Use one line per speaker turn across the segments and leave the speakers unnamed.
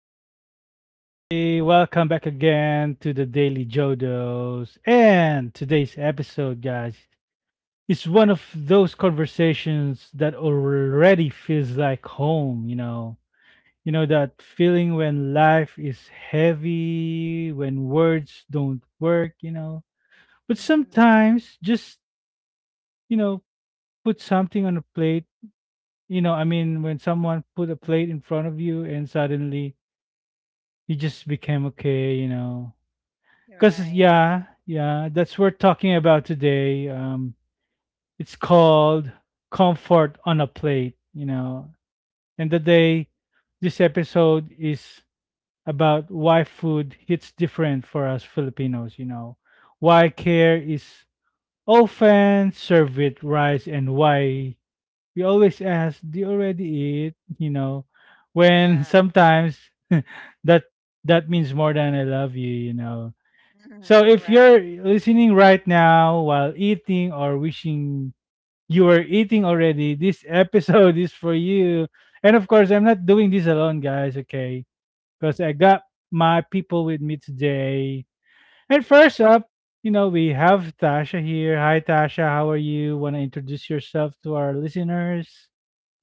what's good, everybody? Welcome back again to the Daily Jodos. And today's episode, guys, is one of those conversations that already feels like home, you know. That feeling when life is heavy, when words don't work, But
Mhm.
sometimes just, you know, put something on a plate. You know, I mean, when someone put a plate in front of you and suddenly you just became okay, you know. Because,
Right.
yeah, that's what we're talking about today. It's called Comfort on a Plate, you know. And today, this episode is about why food hits different for us Filipinos, you know. Why care is often served with rice and why we always ask, do you already eat? You know, when
Yeah.
sometimes that that means more than I love you, you know. So if you're
Right.
listening right now while eating or wishing you were eating already, this episode is for you. And of course, I'm
Mhm.
not doing this alone, guys, okay? Because I got my people with me today. And first up, you know, we have Tasha here. Hi, Tasha. How are you? Want to introduce yourself to our listeners?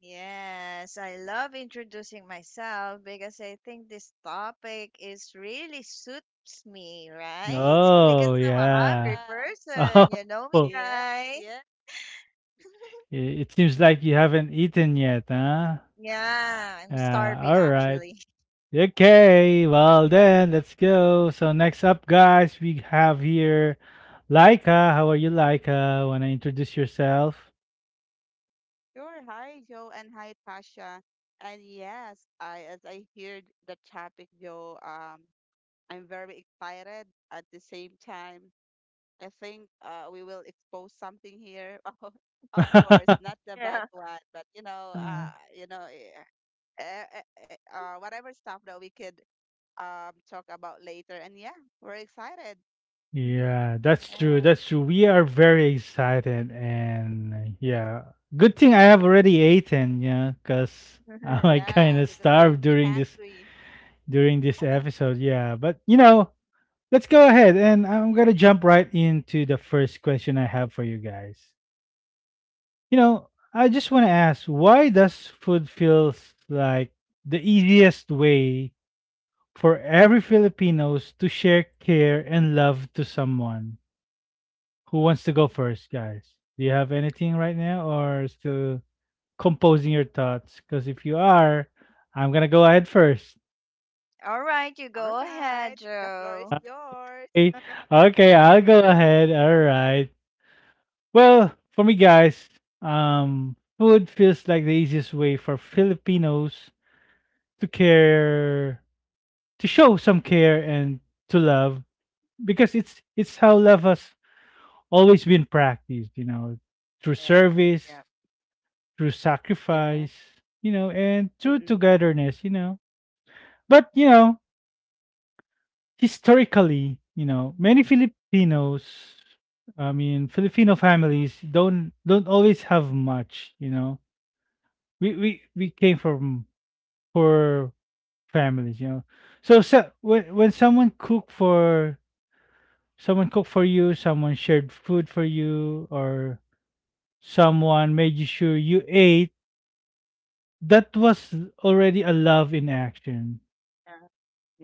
Yes, I love introducing myself because I think this topic is really suits me, right?
Oh,
Because I'm a
yeah.
hungry
Yeah,
person, you know
Oh,
me,
yes,
guys.
yes,
it it seems like you haven't eaten yet, huh?
Yeah, I'm
Yeah, all
starving
right.
actually.
Okay, well then, let's go. So next up, guys, we have here Laika. How are you, Laika? Wanna introduce yourself?
sure. Hi, Joe, and hi, Tasha. And yes, I as I heard the topic, Joe, I'm very excited. At the same time, I think we will expose something here. Oh, of course, not the bad
Yeah.
one, but you know,
Uh,
whatever stuff that we could talk about later. And yeah, we're excited.
yeah, that's true.
Yeah.
That's true. We are very excited, and yeah, good thing I have already eaten. Yeah, because I might kind
Yeah,
of
because we
starved
will be hungry.
during this episode. Yeah, but you know, let's go ahead, and I'm gonna jump right into the first question I have for you guys. You know, I just want to ask, why does food feels like the easiest way for every Filipinos to share care and love to someone? Who wants to go first, guys? Do you have anything right now or still composing your thoughts? Because if you are, I'm going to go ahead first.
All right, you
All
go
right,
ahead,
the floor is
Joe.
Okay.
yours.
Okay, I'll go ahead. All right. Well, for me, guys, food feels like the easiest way for Filipinos to care to show some care and to love because it's how
Mhm.
love has always been practiced, you know, through
Yeah.
service,
Yep.
through sacrifice,
Yes.
you know, and through
Mm-mm.
togetherness, you know. But you know, historically, you know, many Filipinos, I mean, Filipino families don't always have much, you know. We we
Mm.
we came from poor families, you know. So, so when someone cook for someone cooked for you, someone shared food for you, or someone made you sure you ate, that was already a love in action.
Yeah.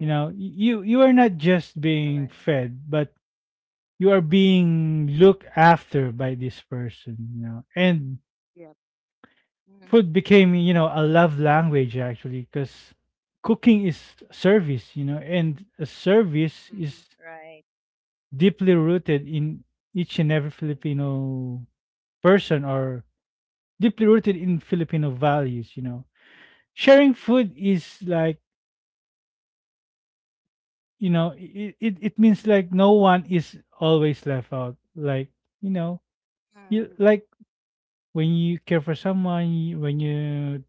You know, you are not
All
just
right.
being fed, but you are
Mm-mm.
being looked after by this person, you know. And
Yeah.
Mm.
food became, you know, a love language actually because cooking is service, you know, and a service
Mm.
is
Right.
deeply rooted in each and every Filipino person or deeply rooted in Filipino values, you know. Sharing
Mm.
food is like, you know, it means like no one is always left out. Like, you know,
Mm.
you
Mm-mm.
like when you care for someone, you- when you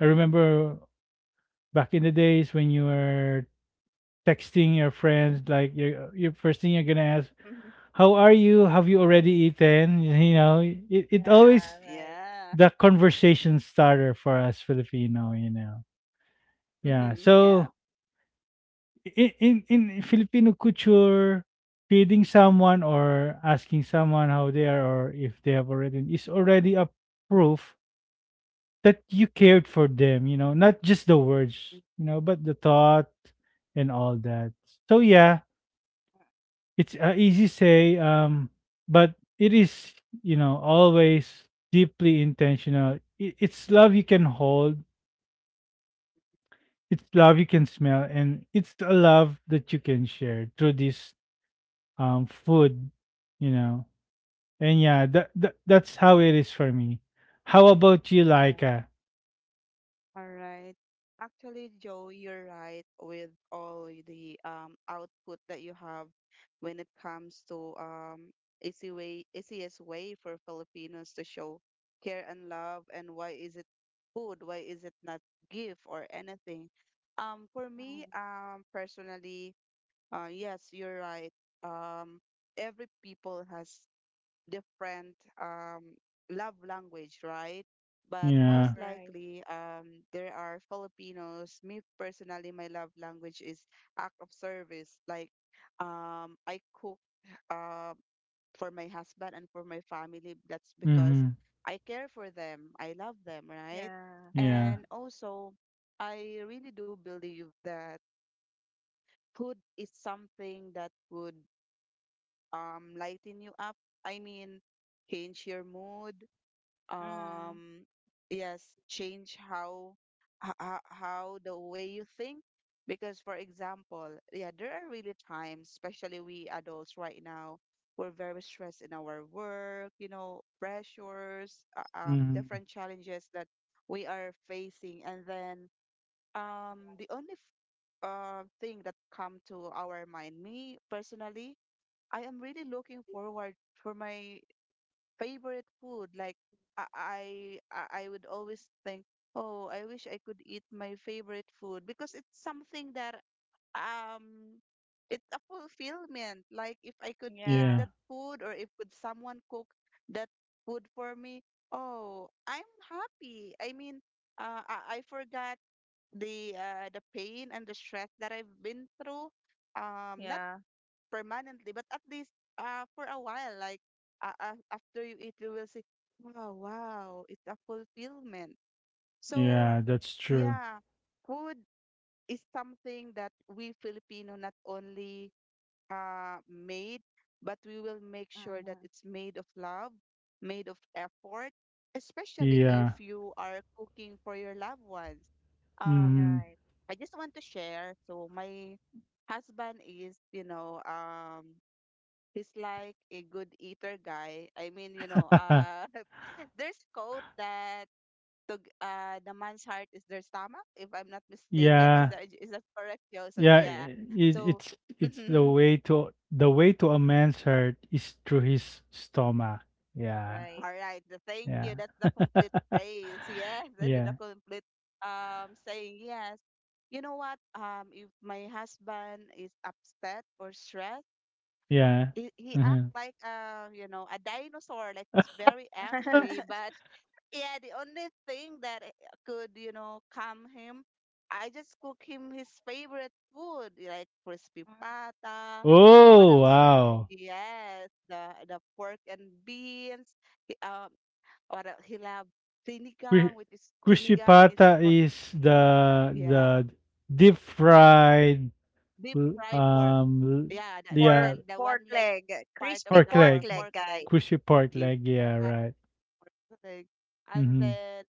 I remember back in the days when you were texting your friends, like your first thing you're gonna ask,
Mhm.
How are you? Have you already eaten? You know, it
Yeah,
always
right.
Yeah.
the conversation starter for us Filipino, you know. Yeah.
Mm-hmm. Yeah.
So in in Filipino culture, feeding someone or asking someone how they are or if they have already is already a proof that you cared for them, you know, not just the
Mm.
words, you know, but the thought and all that. So yeah, it's easy say but it is, you know, always deeply intentional. It's love you can hold, it's love you can smell and it's a love that you can share through this food you know and yeah that's how it is for me. How about you,
Yeah.
Laika?
All right. Actually, Joe, you're right with all the output that you have when it comes to easy way, easiest way for Filipinos to show care and love, and why is it food? Why is it not gift or anything? For
Mm.
me, personally, yes, you're right. Um, every people has different love language, right? But
Yeah.
most
Right.
likely, there are Filipinos. Me personally, my love language is act of service. Like, I cook uh, for my husband and for my family. That's because
Mm-hmm.
I care for them. I love them, right?
Yeah.
Yeah.
And also, I really do believe that food is something that would lighten you up. I mean, change your mood.
Mm.
Um, yes, change how the way you think. Because, for example, yeah, there are really times, especially we adults right now, we're very stressed in our work, you know, pressures,
Mm-hmm.
different challenges that we are facing, and then the only thing that come to our mind, me personally, I am really looking forward for my favorite food. Like I I I would always think, oh, I wish I could eat my favorite food because it's something that um it's a fulfillment. Like if I could eat
Yeah.
Yeah.
that food or if could someone cook that food for me, oh, I'm happy. I mean, I forgot the pain and the stress that I've been through. Not
Yeah.
permanently, but at least for a while, like after you eat, you will say, "Wow, wow, it's a fulfillment." So
Yeah,
Yeah.
that's true.
yeah, food is something that we Filipino not only made, but we will make sure that
Mm-hmm.
it's made of love, made of effort, especially if
Yeah.
you are cooking for your loved ones. Um,
Mm-hmm.
Right.
I just want to share. So my husband is, you know, he's like a good eater guy. I mean, you know, there's quote that to, the man's heart is their stomach, if I'm not mistaken. Is
Yeah.
that is that correct, Joe? So
yeah
yeah.
i- it,
So
it's
mhm.
the way to a man's heart is through his stomach. Yeah.
Right.
All right. The thank
Yeah.
you. That's the complete phrase. Yes, and the
Yeah.
complete saying yes. You know what? If my husband is upset or stressed,
Yeah.
he
Uh-huh.
act like you know, a dinosaur. Like he's very angry, but yeah, the only thing that could, you know, calm him, I just cook him his favorite food, like crispy
Mm.
pata. What
Oh,
else?
wow.
Yes, the pork and beans. He, what else? He love
Cru
sinigang, which is
Cruci
sinigang is
Pata
what?
is
Yeah,
the deep fried
deep
l-
fried pork.
um l-
Yeah, the the the,
Pork
yeah
the
pork
one leg
leg,
part
crispy
of
pork
the
pork
leg.
pork,
leg,
pork
guys.
leg.
Cruci pork
Yeah,
leg, yeah, right.
pork leg. And
Mm-hmm.
then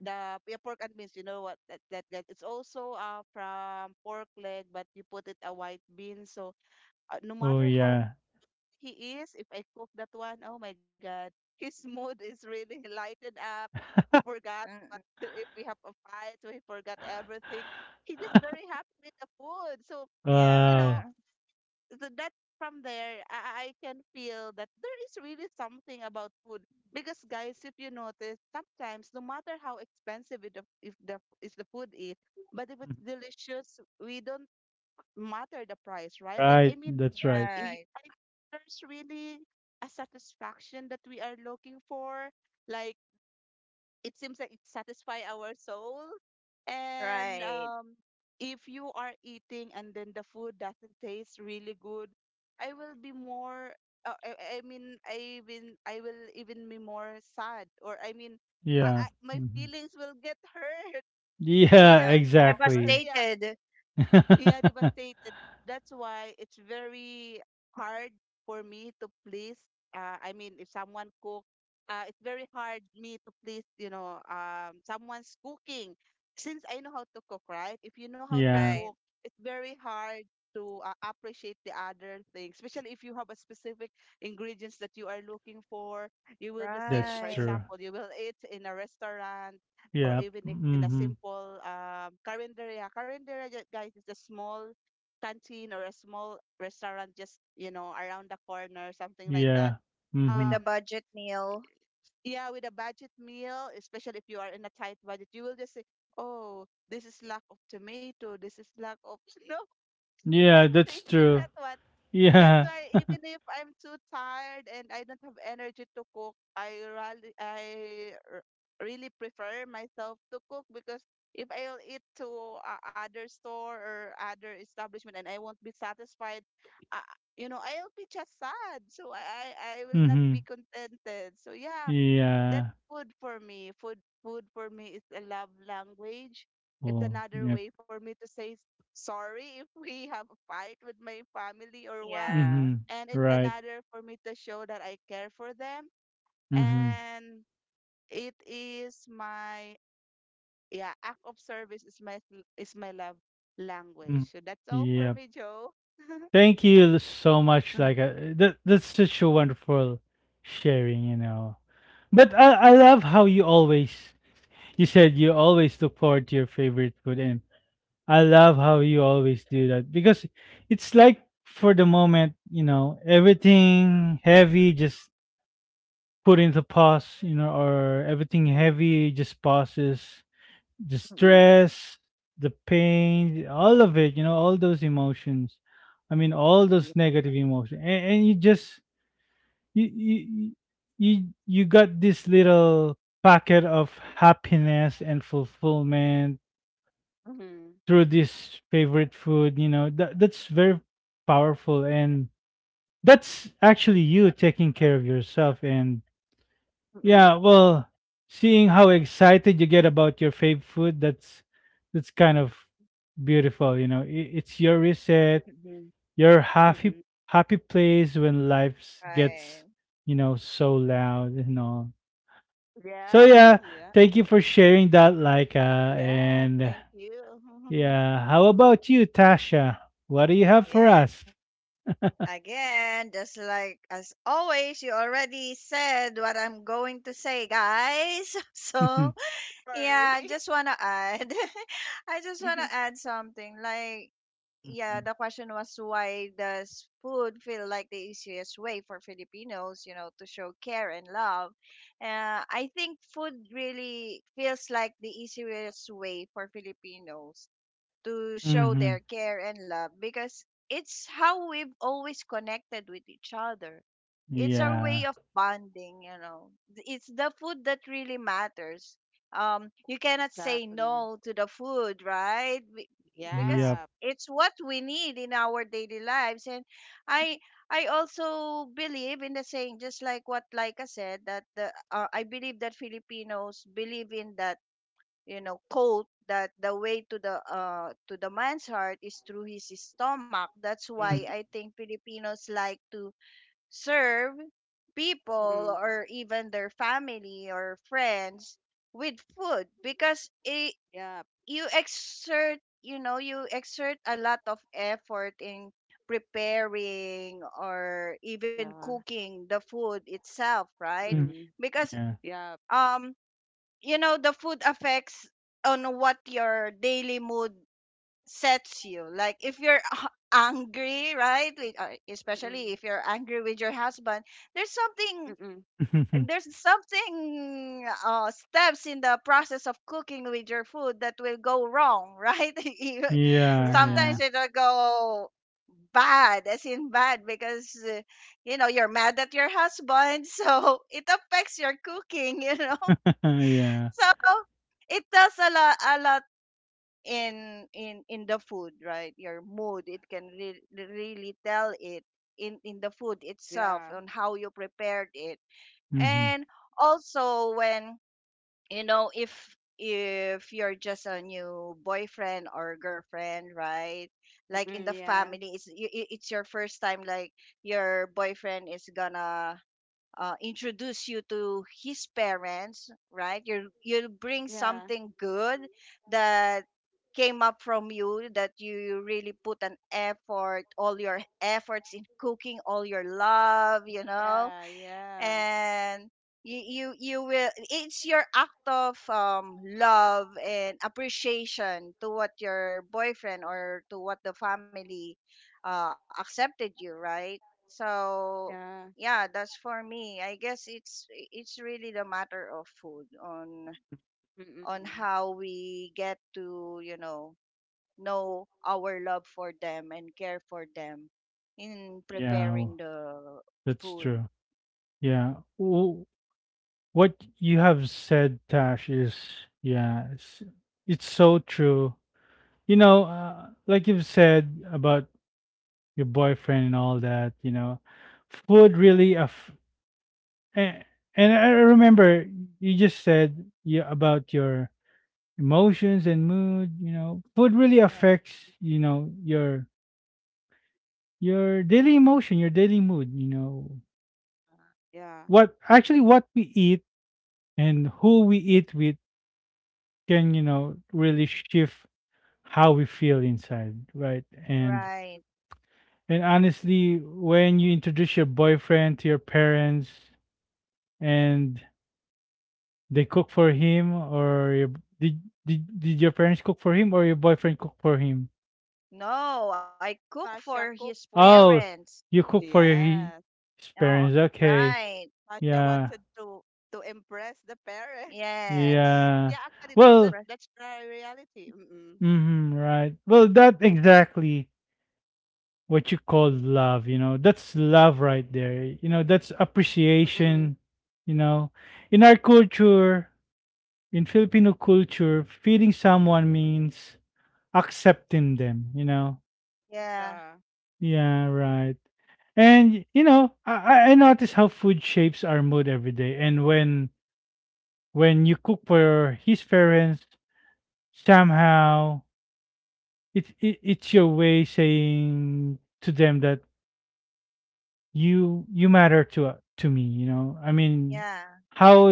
the yeah, pork and beans, you know what that it's also from pork leg, but you put it a white bean. So no
Oh
matter how
yeah.
he is, if I cook that one, oh my God, his mood is really lightened up. He forgot
Mm-mm.
what if we have a fight, so he forgot everything. He's just very happy with the food. So you
Yeah.
know,
Wow.
that from there I can feel that there is really something about food because guys if you notice sometimes no matter how expensive it, if the is the food is but if it's delicious we don't matter the price right, like I
Right,
mean
that's right.
Yeah.
i- I- there's really a satisfaction that we are looking for, like it seems like it satisfy our soul. And
Right.
if you are eating and then the food doesn't taste really good, I will be more I will even be more sad, or I mean
Yeah.
my
Mhm.
feelings will get hurt
Yeah,
Yeah.
even more.
exactly.
Yeah,
Devastated.
yeah, devastated. That's why it's very hard for me to please. I mean, if someone cook, it's very hard me to please. You know, someone's cooking. Since I know how to cook, right? If you know how to
Yeah,
cook,
Right.
it's very hard to appreciate the other things. Especially if you have a specific ingredients that you are looking for, you will just say,
that's
for
Right.
true.
example, you will eat in a restaurant or
Yeah.
even in a
Mm-hmm.
simple carinderia. Carinderia, guys, is a small canteen or a small restaurant just, you know, around the corner, something like that.
Yeah. Mm-hmm.
With a
Um,
budget meal.
yeah, with a budget meal, especially if you are in a tight budget, you will just say, oh, this is lack of tomato, this is lack of, no,
Yeah,
I'm
that's
thinking
true.
that one. That's
Yeah.
why even if I'm too tired and I don't have energy to cook, I really, I r- really prefer myself to cook because if I'll eat to other store or other establishment and I won't be satisfied, uh, you know, I'll be just sad. So I will not
Mm-hmm.
be contented. So yeah, that's
Yeah.
food for me. Food for me is a love language. It's
Oh,
another
yeah.
way for me to say sorry if we have a fight with my family or what.
Yeah.
Mhm.
And it's
Right.
another for me to show that I care for them.
Mhm.
And it is my yeah, act of service is my is my love language.
Mm.
So that's all for
Yep.
me, Joe.
Thank you so much.
Mm,
Like, that that's such a wonderful sharing, you know. But I love how you always you said you always look forward to your favorite food, and I love how you always do that because it's like for the moment, you know, everything heavy just put into pause, you know, or everything
mm-mm,
heavy just pauses the
mm-mm,
stress, the pain, all of it, you know, all those emotions. I mean, all
yeah.
those negative emotions, and you just you you you you got this little packet of happiness and fulfillment
Mm-mm,
through this favorite food. You know, that that's very powerful, and that's actually you taking care of yourself and Yeah,
mm-mm,
well, seeing how excited you get about your fave food, that's kind of beautiful, you know. It's your reset,
mm-mm,
your
mm-mm.
happy happy place when life
Right.
gets, you know, so loud and all. So
Yeah,
yeah,
yeah.
thank you for sharing that, Laika.
Yeah,
And
thank you.
yeah, how about you, Tasha? What do you have for
Yeah.
us?
Again, just like as always, you already said what I'm going to say, guys.
Mm-hmm.
So Yeah,
Sorry.
just wanna add. I just wanna add something. Like, yeah, the question was why does food feel like the easiest way for Filipinos, to show care and love? I think food really feels like the easiest way for Filipinos to show their care and love because it's how we've always connected with each other. It's our way
Yeah.
of bonding. It's the food that really matters. You cannot say
Exactly.
no to the food, right. Because
Yep.
Yeah.
it's what we need in our daily lives, and i I also believe in the saying, just like what Laika said, that the I believe that Filipinos believe in that quote, that the way to the man's heart is through his stomach. That's why
Mm-hmm.
I think Filipinos like to serve
Mm-mm.
people or even their family or friends with food, because
Yep.
you exert, you exert a lot of effort in preparing or even
Yeah.
cooking the food itself, right?
Mm-hmm.
Mm-mm.
Because
Yeah.
Yep.
um the food affects on what your daily mood sets you. Like if you're angry, right? With,
Mm-mm.
especially if you're angry with your husband, there's
Mm-mm.
something, steps in the process of cooking with your food that will go wrong, right?
Yeah,
Yeah.
Sometimes
yeah.
it'll go bad, as in bad, because you know you're mad at your husband, so it affects your cooking. You know,
Yeah.
so it does a lot in the food, right? Your mood, it can really tell it in the food itself,
Yeah.
on how you prepared it.
Mhm.
And also, when, you know, if you're just a new boyfriend or girlfriend, right? Like
Mm-mm.
in the
Yeah.
family, it's it's your first time. Like, your boyfriend is gonna introduce you to his parents, right? You you'll bring
Yeah.
something good that came up from you, that you really put an effort, all your efforts in cooking, all your love, you know?
Yeah. Yeah.
And you will, it's your act of love and appreciation to what your boyfriend, or to what the family accepted you, right? So
Yeah.
yeah, that's for me, I guess. It's really the matter of food
Mm-mm.
on
Mm-mm.
how we get to, you know our love for them and care for them in
Yeah, w
preparing the
that's
food.
true. Yeah. W what you have said, Tash, is yeah, it's so true. You know, like you've said about your boyfriend and all that, you know, food really aff and and I remember you just said you about your emotions and mood, you know. Food really
Yeah,
affects, you know, your daily emotion, your daily mood, you know.
Yeah.
What actually what we eat and who we eat with can you know really shift how we feel inside right? and
right.
and honestly when you introduce your boyfriend to your parents and they cook for him or your, did, did your parents cook for him or your boyfriend cook for him?
No, I cook for
Sasha cooked
his
for.
Oh,
parents.
you cook for your
Yes.
his
Oh,
parents, okay.
right.
Sasha
Yeah.
wanted to impress the parents.
Yes.
Yeah,
Yeah.
actually,
Well,
that's
Breast-
the reality. Mm-mm.
hmm, right. Well, that exactly what you call love, you know? That's love right there, you know. That's
Mm-mm.
appreciation, you know. In our culture, in Filipino culture, feeding someone means accepting them, you know.
Yeah,
Yeah.
Yeah, right. And you know, I I notice how food shapes our mood every day. And when you cook for his parents somehow it's your way saying to them that you matter to me, you know. I mean,
yeah,
Yes.
how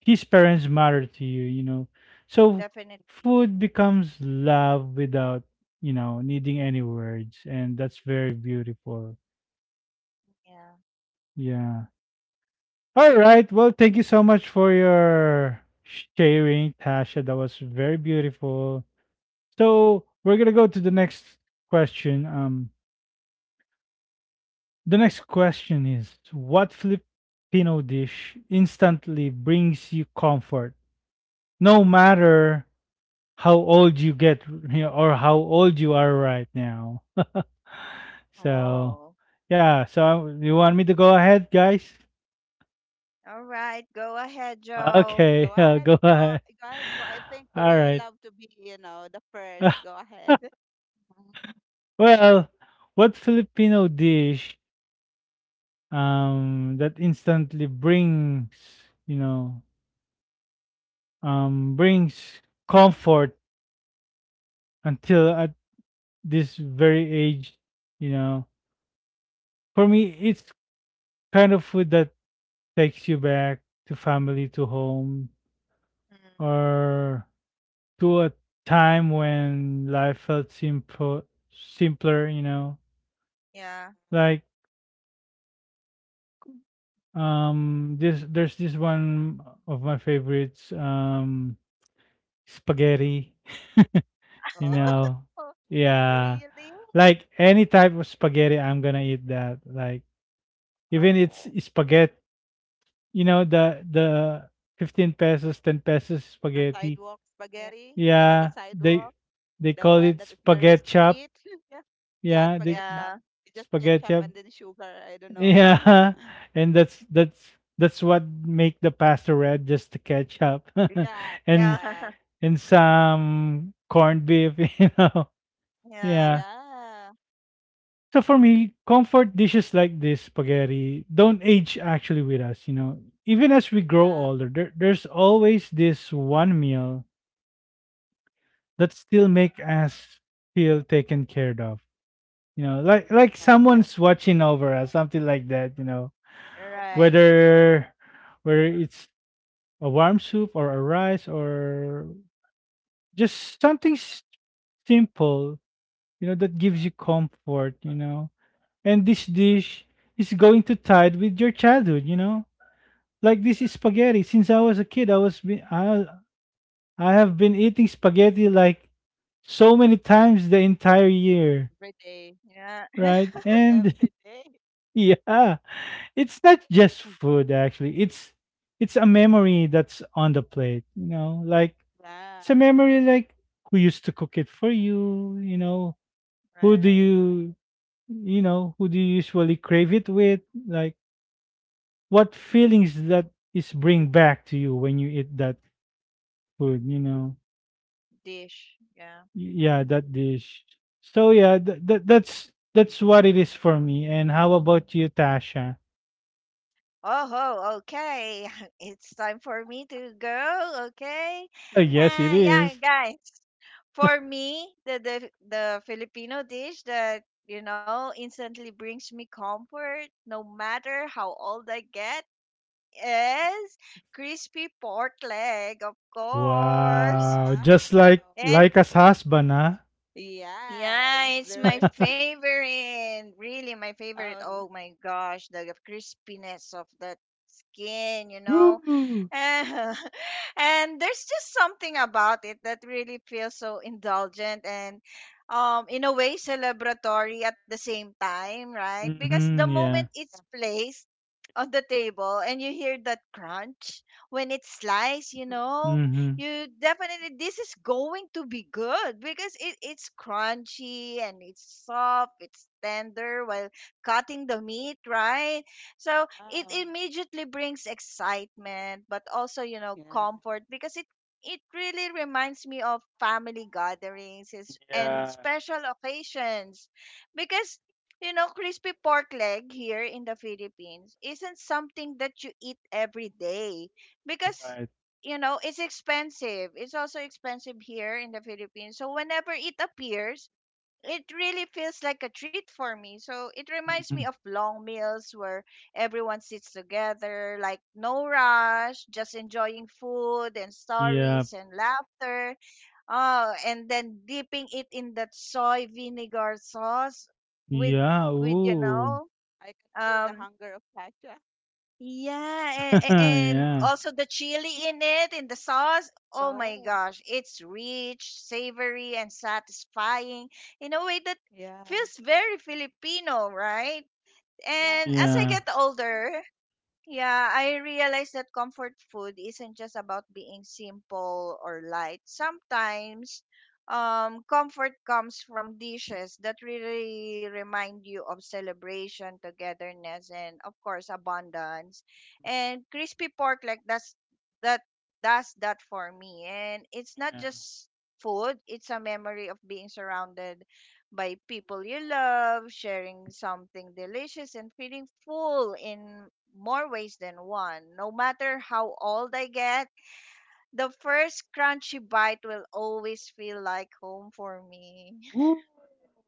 his parents matter to you, you know. So
definitely.
food becomes love without, you know, needing any words. And that's very beautiful.
Yeah.
Yeah. All right, well, thank you so much for your sharing, Tasha. That was very beautiful. So we're gonna go to the next question. The next question is what Filipino dish instantly brings you comfort no matter how old you get, you know, or how old you are right now? So,
Oh.
yeah, so you want me to go ahead, guys?
All right. Go ahead,
All right.
Joe.
Go
Okay, yeah,
ahead.
go ahead.
Go ahead. Jo. I think you
All
really
right.
love to be, you know, the first. Go ahead.
Well, what Filipino dish that instantly brings, you know, brings comfort until at this very age, you know, for me, it's kind of food that takes you back to family, to home,
Mhm.
or to a time when life felt simpler, you know,
Yeah.
like this there's this one of my favorites spaghetti you
Oh,
know. Yeah,
really?
like any type of spaghetti I'm gonna eat that. Like even it's
Oh.
spaghetti, you know, the 15 pesos 10 pesos
The
spaghetti.
sidewalk
Yeah.
spaghetti. You know, the
Yeah, they
sidewalk,
they
the
call
one
it
that is very
spaghetti chop.
sweet. Yeah. Yeah,
Yeah the
spaghetti
Yeah.
chop. Just
Spaghetti
ketchup
chop.
and then sugar. I don't know.
Yeah. And that's that's what make the pasta red, just the ketchup.
yeah,
and
Yeah.
yeah,
and some corned beef you know.
Yeah.
Yeah.
yeah,
So for me, comfort dishes like this spaghetti don't age actually with us, you know. Even as we grow
yeah,
older, there's always this one meal that still make us feel taken cared of. You know,
mm,
like
yeah, yeah,
someone's watching over us, something like that. You know,
yeah.
Right.
whether whether it's a warm soup or a rice or just something simple, you know, that gives you comfort. You know, and this dish is going to tide with your childhood. You know, like this is spaghetti. Since I was a kid, I I have been eating spaghetti like so many times the entire year,
Every day.
Yeah.
Like
right?
almost
And
every day.
yeah, it's not just food actually. It's a memory that's on the plate, you know? Like it's a
Yeah.
memory like who used to cook it for you, you know? Who do
Right.
Mm,
you who do you usually crave it with? Like what feelings that is bring back to you when you eat that food, you know?
Dish. Yeah.
Yeah, that dish. So yeah, that's that's what it is for me. And how about you, Tasha?
Oh, ho, okay. It's time for me to go. Okay.
Oh,
yeah.
yes, it
Yeah,
is.
guys. For me, the, the Filipino dish that, you know, instantly brings me comfort, no matter how old I get, is crispy pork leg, of course.
Wow,
Wow.
just like
And
like as husband, huh?
Yes,
yeah, it's my
there.
favorite. Really, my favorite.
Oh,
Oh my gosh, the crispiness of that skin, you know,
Woo!
and and there's just something about it that really feels so indulgent and in a way celebratory at the same time, right? Because the
Mm-hmm,
moment
yeah.
it's placed on the table and you hear that crunch when it's sliced, you know,
Mm-hmm.
you definitely this is going to be good because it's crunchy and it's soft, it's tender while cutting the meat, right? So it
wow.
immediately brings excitement, but also, you know,
Yeah.
comfort, because it really reminds me of family gatherings and
Yeah,
special occasions. Because, you know, crispy pork leg here in the Philippines isn't something that you eat every day, because,
right.
you know, it's expensive, it's also expensive here in the Philippines. So whenever it appears, it really feels like a treat for me. So it reminds me
Mm-hmm.
of long meals where everyone sits together, like no rush, just enjoying food and
Yeah,
stories and
Yeah.
laughter. Oh, and then dipping it in that soy vinegar sauce with
yeah,
Oh,
you
ooh.
know,
I can feel the
um,
hunger of Pacha.
yeah, and
yeah,
also the chili in it, in the sauce. Oh my
Oh,
gosh, it's rich, savory, and satisfying in a way that
yeah.
feels very Filipino, right?
Yeah.
And as I
yeah,
get older, yeah, I realize that comfort food isn't just about being simple or light. Sometimes, comfort comes from dishes that really remind you of celebration, togetherness, and of course, abundance. And crispy pork, like, that does that for me. And it's not
yeah.
just food; it's a memory of being surrounded by people you love, sharing something delicious, and feeling full in more ways than one. No matter how old I get, the first crunchy bite will always feel like home for me.
Ooh,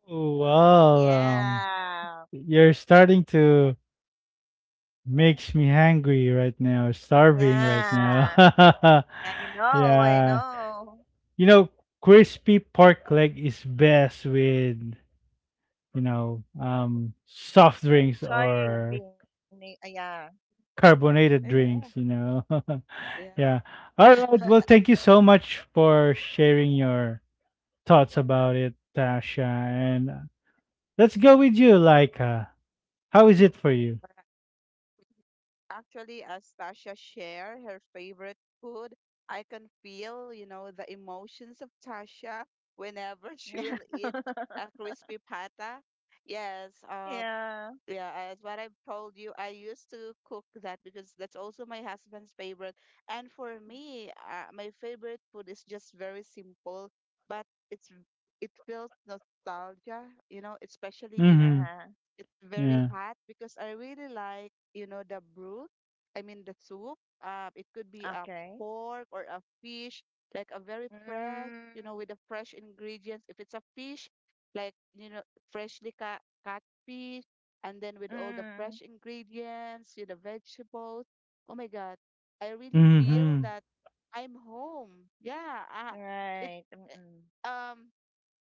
well,
Wow.
Yeah.
you're starting to makes me hungry right now, starving right now.
Yeah. I know. I
yeah.
know.
You know, crispy pork leg is best with soft drinks
Sorry,
or
Vinny. Ah,
carbonated drinks,
Yeah.
you know.
Yeah.
yeah. All right. Well, thank you so much for sharing your thoughts about it, Tasha. And let's go with you, like, how is it for you?
Actually, as Tasha shared her favorite food, I can feel, you know, the emotions of Tasha whenever she
Yeah.
will eat a crispy pata. Yes,
Yeah.
yeah, as what I've told you, I used to cook that because that's also my husband's favorite. And for me, my favorite food is just very simple, but it's it feels nostalgia, you know, especially
Mm-hmm.
Uh-huh.
it's very
Yeah.
hot because I really like, you know, the broth. I mean, the soup. It could be a
Okay.
pork or a fish, like a very fresh,
Mm,
you know, with the fresh ingredients. If it's a fish, like, you know, freshly cut fish, and then with all the
mm,
fresh ingredients, with the vegetables. Oh my God. I really feel
Mm-hmm.
that I'm home. Yeah. It,
right. Mm-mm.
eh, um,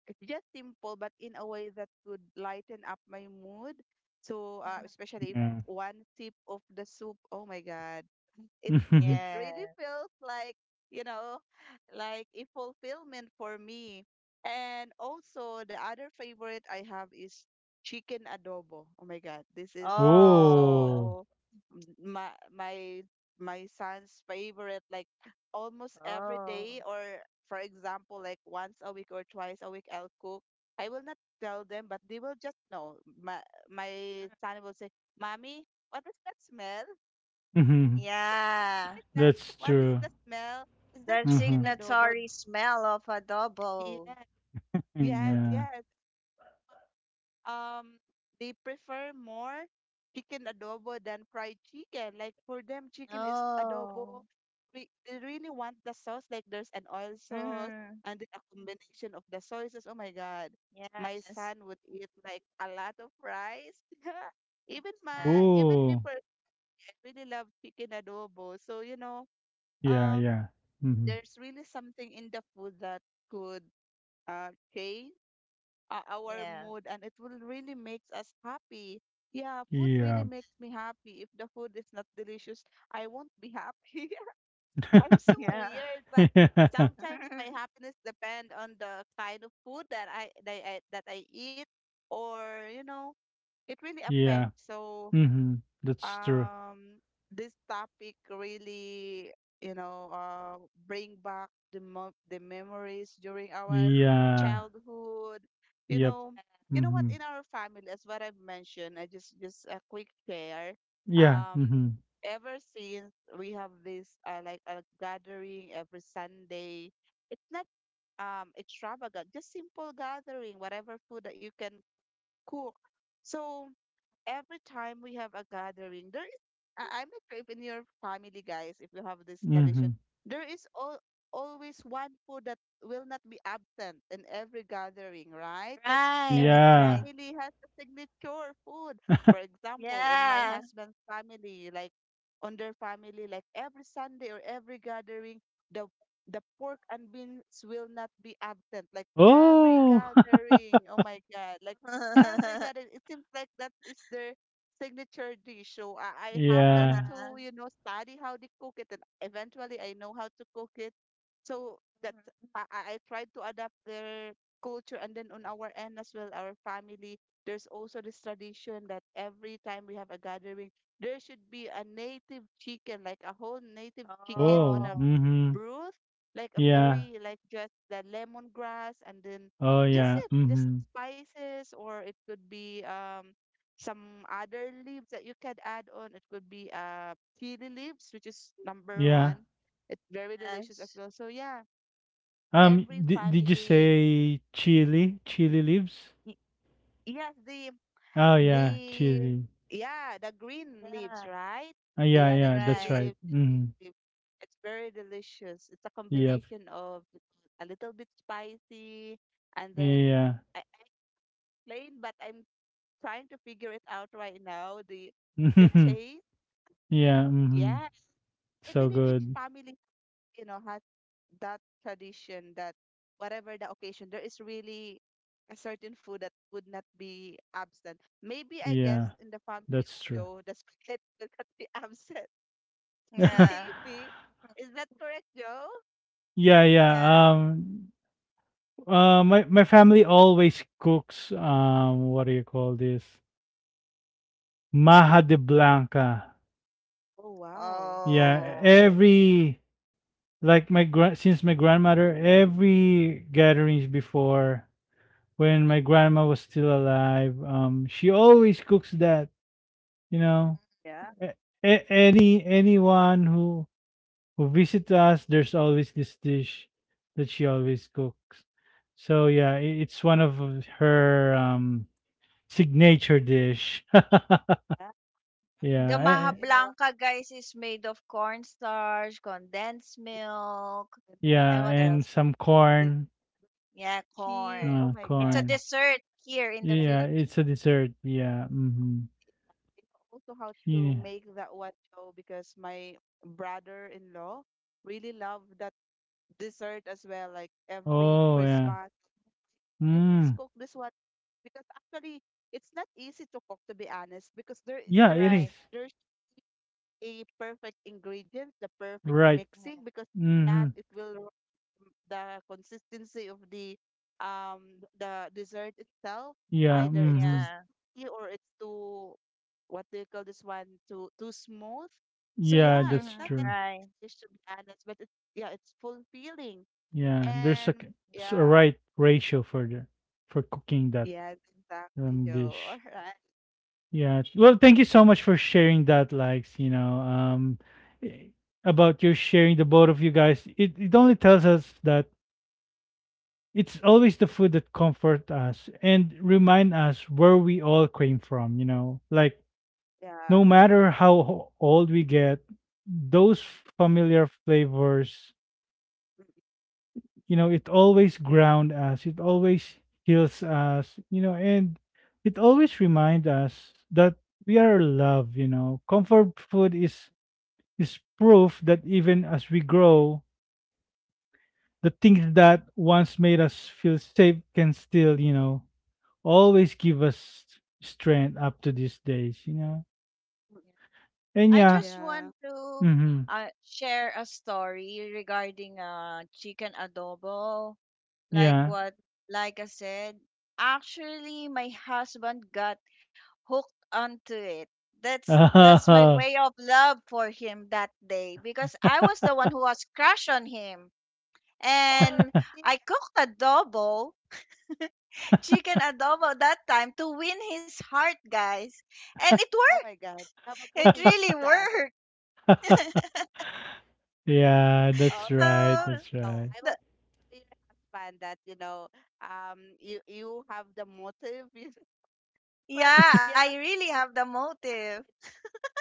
it's just simple, but in a way that could lighten up my mood. So,
Mm,
especially if
Yeah.
one sip of the soup, oh my God, it
Mm-hmm.
it really
yeah.
feels like you know like a fulfillment for me. And also the other favorite I have is chicken adobo. Oh my God, this is
Oh,
Oh.
also m- my my my son's favorite, like almost every
oh.
day, or for example like once a week or twice a week I'll cook. I will not tell them, but they will just know. my my son will say, mommy, what is that smell,
Mm-hmm.
Yeah.
like that.
That's
What is
true.
the smell? Is that
The
Mm-hmm.
chicken adobo?
signatory smell of adobo.
Yes, yes,
Yeah.
yes. Um, they prefer more chicken adobo than fried chicken. Like for them, chicken is adobo.
Oh.
They really want the sauce. Like there's an oil sauce
Mm-hmm.
and then a combination of the sauces. Oh my God, my son
Yes.
would eat like a lot of rice. Even
Yeah.
my even me
Oh.
personally, I really love chicken adobo. So you know,
Yeah.
um
Yeah.
there's really something in the food that could change our
Yeah.
mood, and it will really makes us happy. Yeah, food really
Mm-hmm.
makes me happy. If the food is not delicious, I won't be happy. I'm so
Yeah.
weird, but
Yeah.
sometimes my happiness depend on the kind of food that I eat or it really
Yeah.
affects. So
Mhm. That's true.
um this topic really you know uh bring back the memories during our
Yeah.
childhood you
Yep.
know you know what,
Mhm.
in our family, as what I've mentioned, I just a quick share.
Yeah.
um
Mhm.
Ever since, we have this like a gathering every Sunday. It's not extravagant, just simple gathering whatever food that you can cook. So every time we have a gathering, I'm not sure if in your family, guys, if you have this tradition,
Mhm.
there is always one food that will not be absent in every gathering, right? Like every
Right.
Yeah.
Right.
family has a signature food. For example, on my
Yeah.
husband's family, like on their family, like every Sunday or every gathering, the the pork and beans will not be absent. Like every
Oh.
gathering, oh my God, like every
Uh-huh.
garden. It seems like that is their signature dish. So I happen
yeah.
to, you know, study how they cook it, and eventually I know how to cook it. So that
Mhm.
I tried to adapt their culture, and then on our end as well, our family. There's also this tradition that every time we have a gathering, there should be a native chicken, like a whole native chicken on
Oh.
a
Oh,
Mhm.
broth, like a
Yeah.
very like just the lemongrass, and then
Oh
just
yeah.
it, just
Mhm.
spices, or it could be some other leaves that you could add on. It could be chili leaves, which is number
Yeah.
one. It's very delicious as
Yes.
well. So yeah,
Um
every
did, did you
family,
say chili? Chili leaves?
y- yes, the
Oh
the
yeah, chili.
yeah the green leaves,
Yeah.
right? They
Yeah,
had a
yeah, that's
chili
Right.
right.
leaves.
Mhm.
Leaf. It's very delicious. It's a
Yep.
combination of a little bit spicy, and then
Yeah.
I- plain, but I'm trying to figure it out right now. The taste,
yeah. Mhm.
yes. I
So
believe each
good.
family, you know, has that tradition that whatever the occasion, there is really a certain food that would not be absent. Maybe I guess
Yeah.
in the family
That's
of
true.
Joe, the spaghetti will not be absent.
Yeah.
Maybe. Is that correct, Joe?
Yeah,
Yeah.
yeah. Um, my family always cooks. What do you call this? Maha de Blanca.
Oh wow, I
Yeah,
love
Oh.
it.
every like my grand since my grandmother, every gatherings before when
Mm.
my grandma was still alive, she always cooks that. You know,
Yeah.
a- anyone who visit us, there's always this dish that she always cooks. So yeah, it's one of her signature dish.
Yeah.
The
yeah,
Maha
eh,
You know what?
Blanca, guys, is made of cornstarch, condensed
Yeah.
milk,
And then
yeah,
and what
salt,
and
else?
some
and then
corn,
Yeah,
cheese. Oh
corn.
my
It's a
God.
corn.
dessert here in the
Well.
Yeah, it's
Philippines.
a dessert. Yeah. Mm-hmm.
You know also how to
Yeah.
make that one show, because my brother-in-law really loved that dessert as well. Like every
Oh yeah.
Christmas, can you please
Mm.
cook this one? Because actually, it's not easy to cook, to be honest, because there
Yeah,
there
it
is
Right.
is.
there a perfect ingredient, the perfect
Right.
Yeah.
mixing, because that
Mm-hmm.
it will the consistency of the dessert itself,
Yeah.
either it's too
Mm-hmm.
Yeah.
sticky or it's too, what do you call this one, too smooth. So
Yeah,
yeah, it's
that's
not
Hmm,
an
true.
easy
right.
dish, to be honest, but it's, yeah, it's fulfilling,
Yeah, there's a,
and
a
yeah,
right ratio for the for cooking that.
yes, exactly,
Ram
Joe. All
dish.
right,
Yeah. Well, thank you so much for sharing that, Likes, you know, i- about your sharing the both of you guys. It only tells us that it's always the food that comfort us and remind us where we all came from, you know, like
yeah.
no matter how old we get, those familiar flavors you know it always ground us it always heals us you know and it always reminds us that we are loved you know comfort food is proof that even as we grow the things that once made us feel safe can still you know always give us strength up to these days you know
Yeah.
and
I
yeah
just want
Yeah.
to
mm-hmm,
share a story regarding chicken adobo. Like
yeah
what, like I said, actually, my husband got hooked onto it. That's my way of love for him that day, because I was the one who was crushed on him. And
Or really,
I cooked adobo, chicken adobo that time to win his heart, guys. And it
oh
worked.
my God, have a
It
motive.
really worked.
yeah
Oh,
So,
now
that's
I know.
right
I will
the,
tell your husband that, you have the motive. You. But
yeah, I
yes,
really
yes,
have the
I
motive.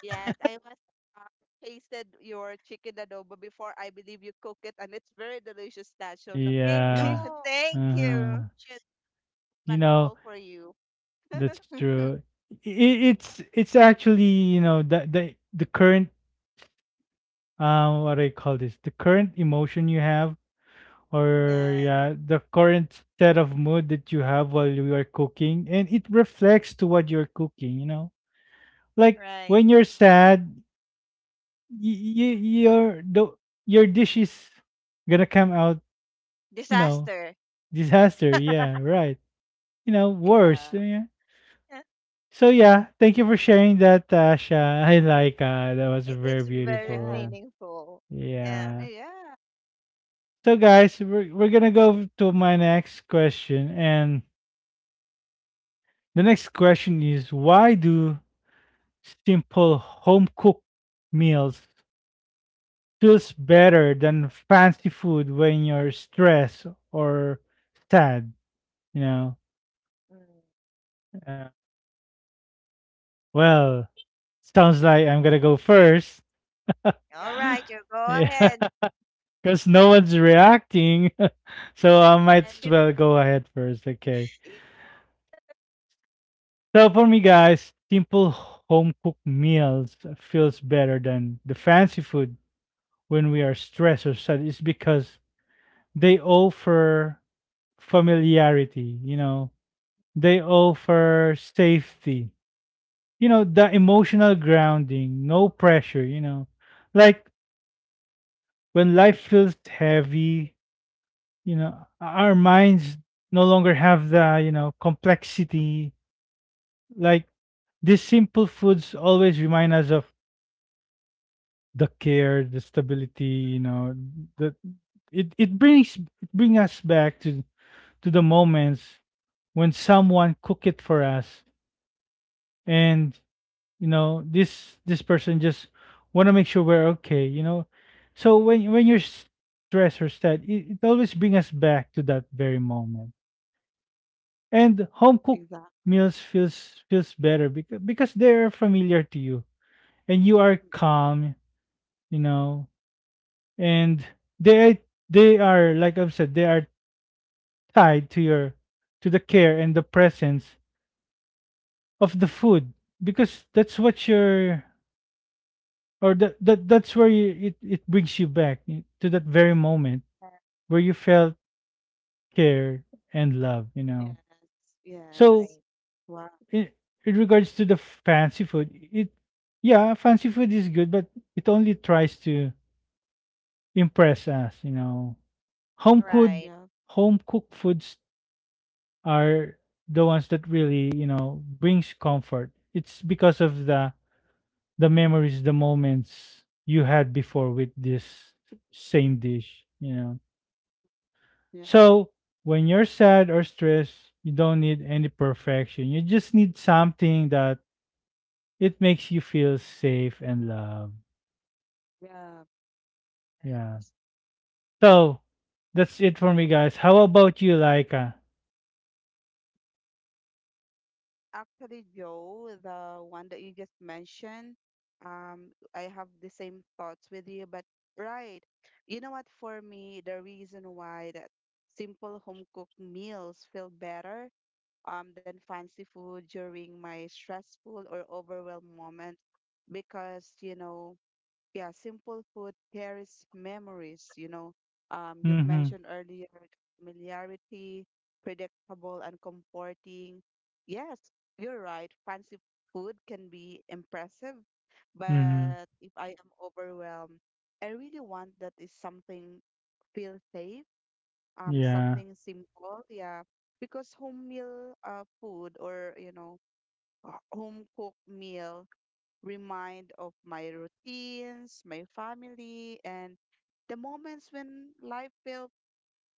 yes, I was uh, tasted your chicken adobo before. I believe you cook it, and it's very delicious. That so no, no,
yeah
Thank
no
you.
uh-huh.
question
You
can
know,
fall for you.
that's true. I it's you know, the current what do you call this? The current emotion you have
Mm-mm.
or
Yeah,
yeah, the current set of mood that you have while you are cooking and it reflects to what you're cooking, you know? Like
right.
when you're sad, you, your the your dish is gonna come out, you know,
Disaster.
disaster. Yeah, right. You know,
Yeah,
worse. Yeah.
Yeah,
So yeah, thank you for sharing that, Tasha. I like that was very
it's very
yeah,
beautiful.
meaningful. Yeah.
Yeah.
yeah,
So guys, we're gonna go to my next question, and the next question is why do simple home cooked meals feels better than fancy food when you're stressed or sad? You know.
Mm.
Uh, well, sounds like I'm gonna go first.
All
yeah,
right, you go
yeah.
ahead.
Because no one's reacting. So I might
and
You-
as well go ahead first. Okay.
yeah,
So for me, guys, simple home cooked meals feels better than the fancy food when we are stressed or sad. It's because they offer familiarity. You know, they offer safety. You know, the emotional grounding, no pressure. You know, like when life feels heavy, you know our minds no longer have the you know complexity like these simple foods always remind us of the care the stability you know that it brings it bring us back to the moments when someone cook it for us and you know this person just want to make sure we're okay you know so when you're stressed or sad it always bring us back to that very moment. And home cooked
exactly.
meals feels feels better because they're familiar to you and you are
Mm-mm.
calm, you know. And they they are like I've said, they are tied to your to the care and the presence of the food because that's what you're or that's where you, it brings you back to that very moment where you felt cared and love, you know.
Yes,
Right,
So
yes. Wow.
in, in
Mm-hmm.
regards to the fancy food, it yeah, fancy food is good, but it only tries to impress us, you know. Home
Yep,
cooked
right,
yep.
Home cooked foods are the ones that really, you know, brings comfort. It's because of the memories, the moments you had before with this same dish, you know.
Yep.
So when you're sad or stressed, you don't need any perfection. You just need something that it makes you feel safe and loved.
Yeah,
right.
Yeah.
s-
So that's it for me, guys. How about you, Laika?
actually, Joe, the one that you just mentioned, I have the same thoughts with you, but right. You know what, for me, the reason why that simple home cooked meals feel better than fancy food during my stressful or overwhelmed moment, because yeah, simple food carries memories, you know. You've
Mm-hmm.
mentioned earlier familiarity, predictable and comforting. Yes, you're right. Fancy food can be impressive,
Mm-hmm.
but if I am overwhelmed, I really want that is something feel safe,
Yeah.
something simple, yeah. Because home meal food, or, home cooked meal remind of my routines, my family, and the moments when life felt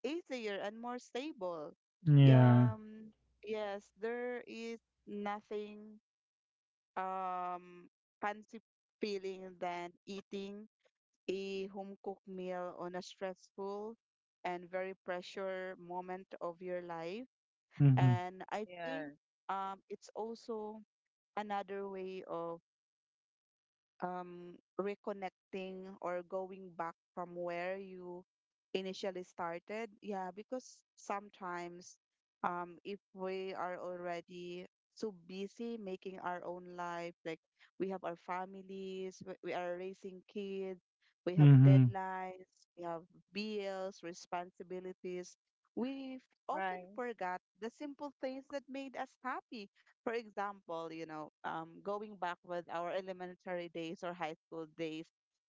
easier and more stable.
Yeah.
Um, yes, there is nothing um fancy feeling than eating a home cooked meal on a stressful and very pressure moment of your life.
Mm-hmm.
And I
Yeah,
think it's also another way of um, reconnecting or going back from where you initially started. Yeah, because sometimes if we are already so busy making our own life, like we have our families, we are raising kids, we have
Mm-hmm.
deadlines, we have bills, responsibilities. We often
right,
forgot the simple things that made us happy. For example, going back with our elementary days or high school days,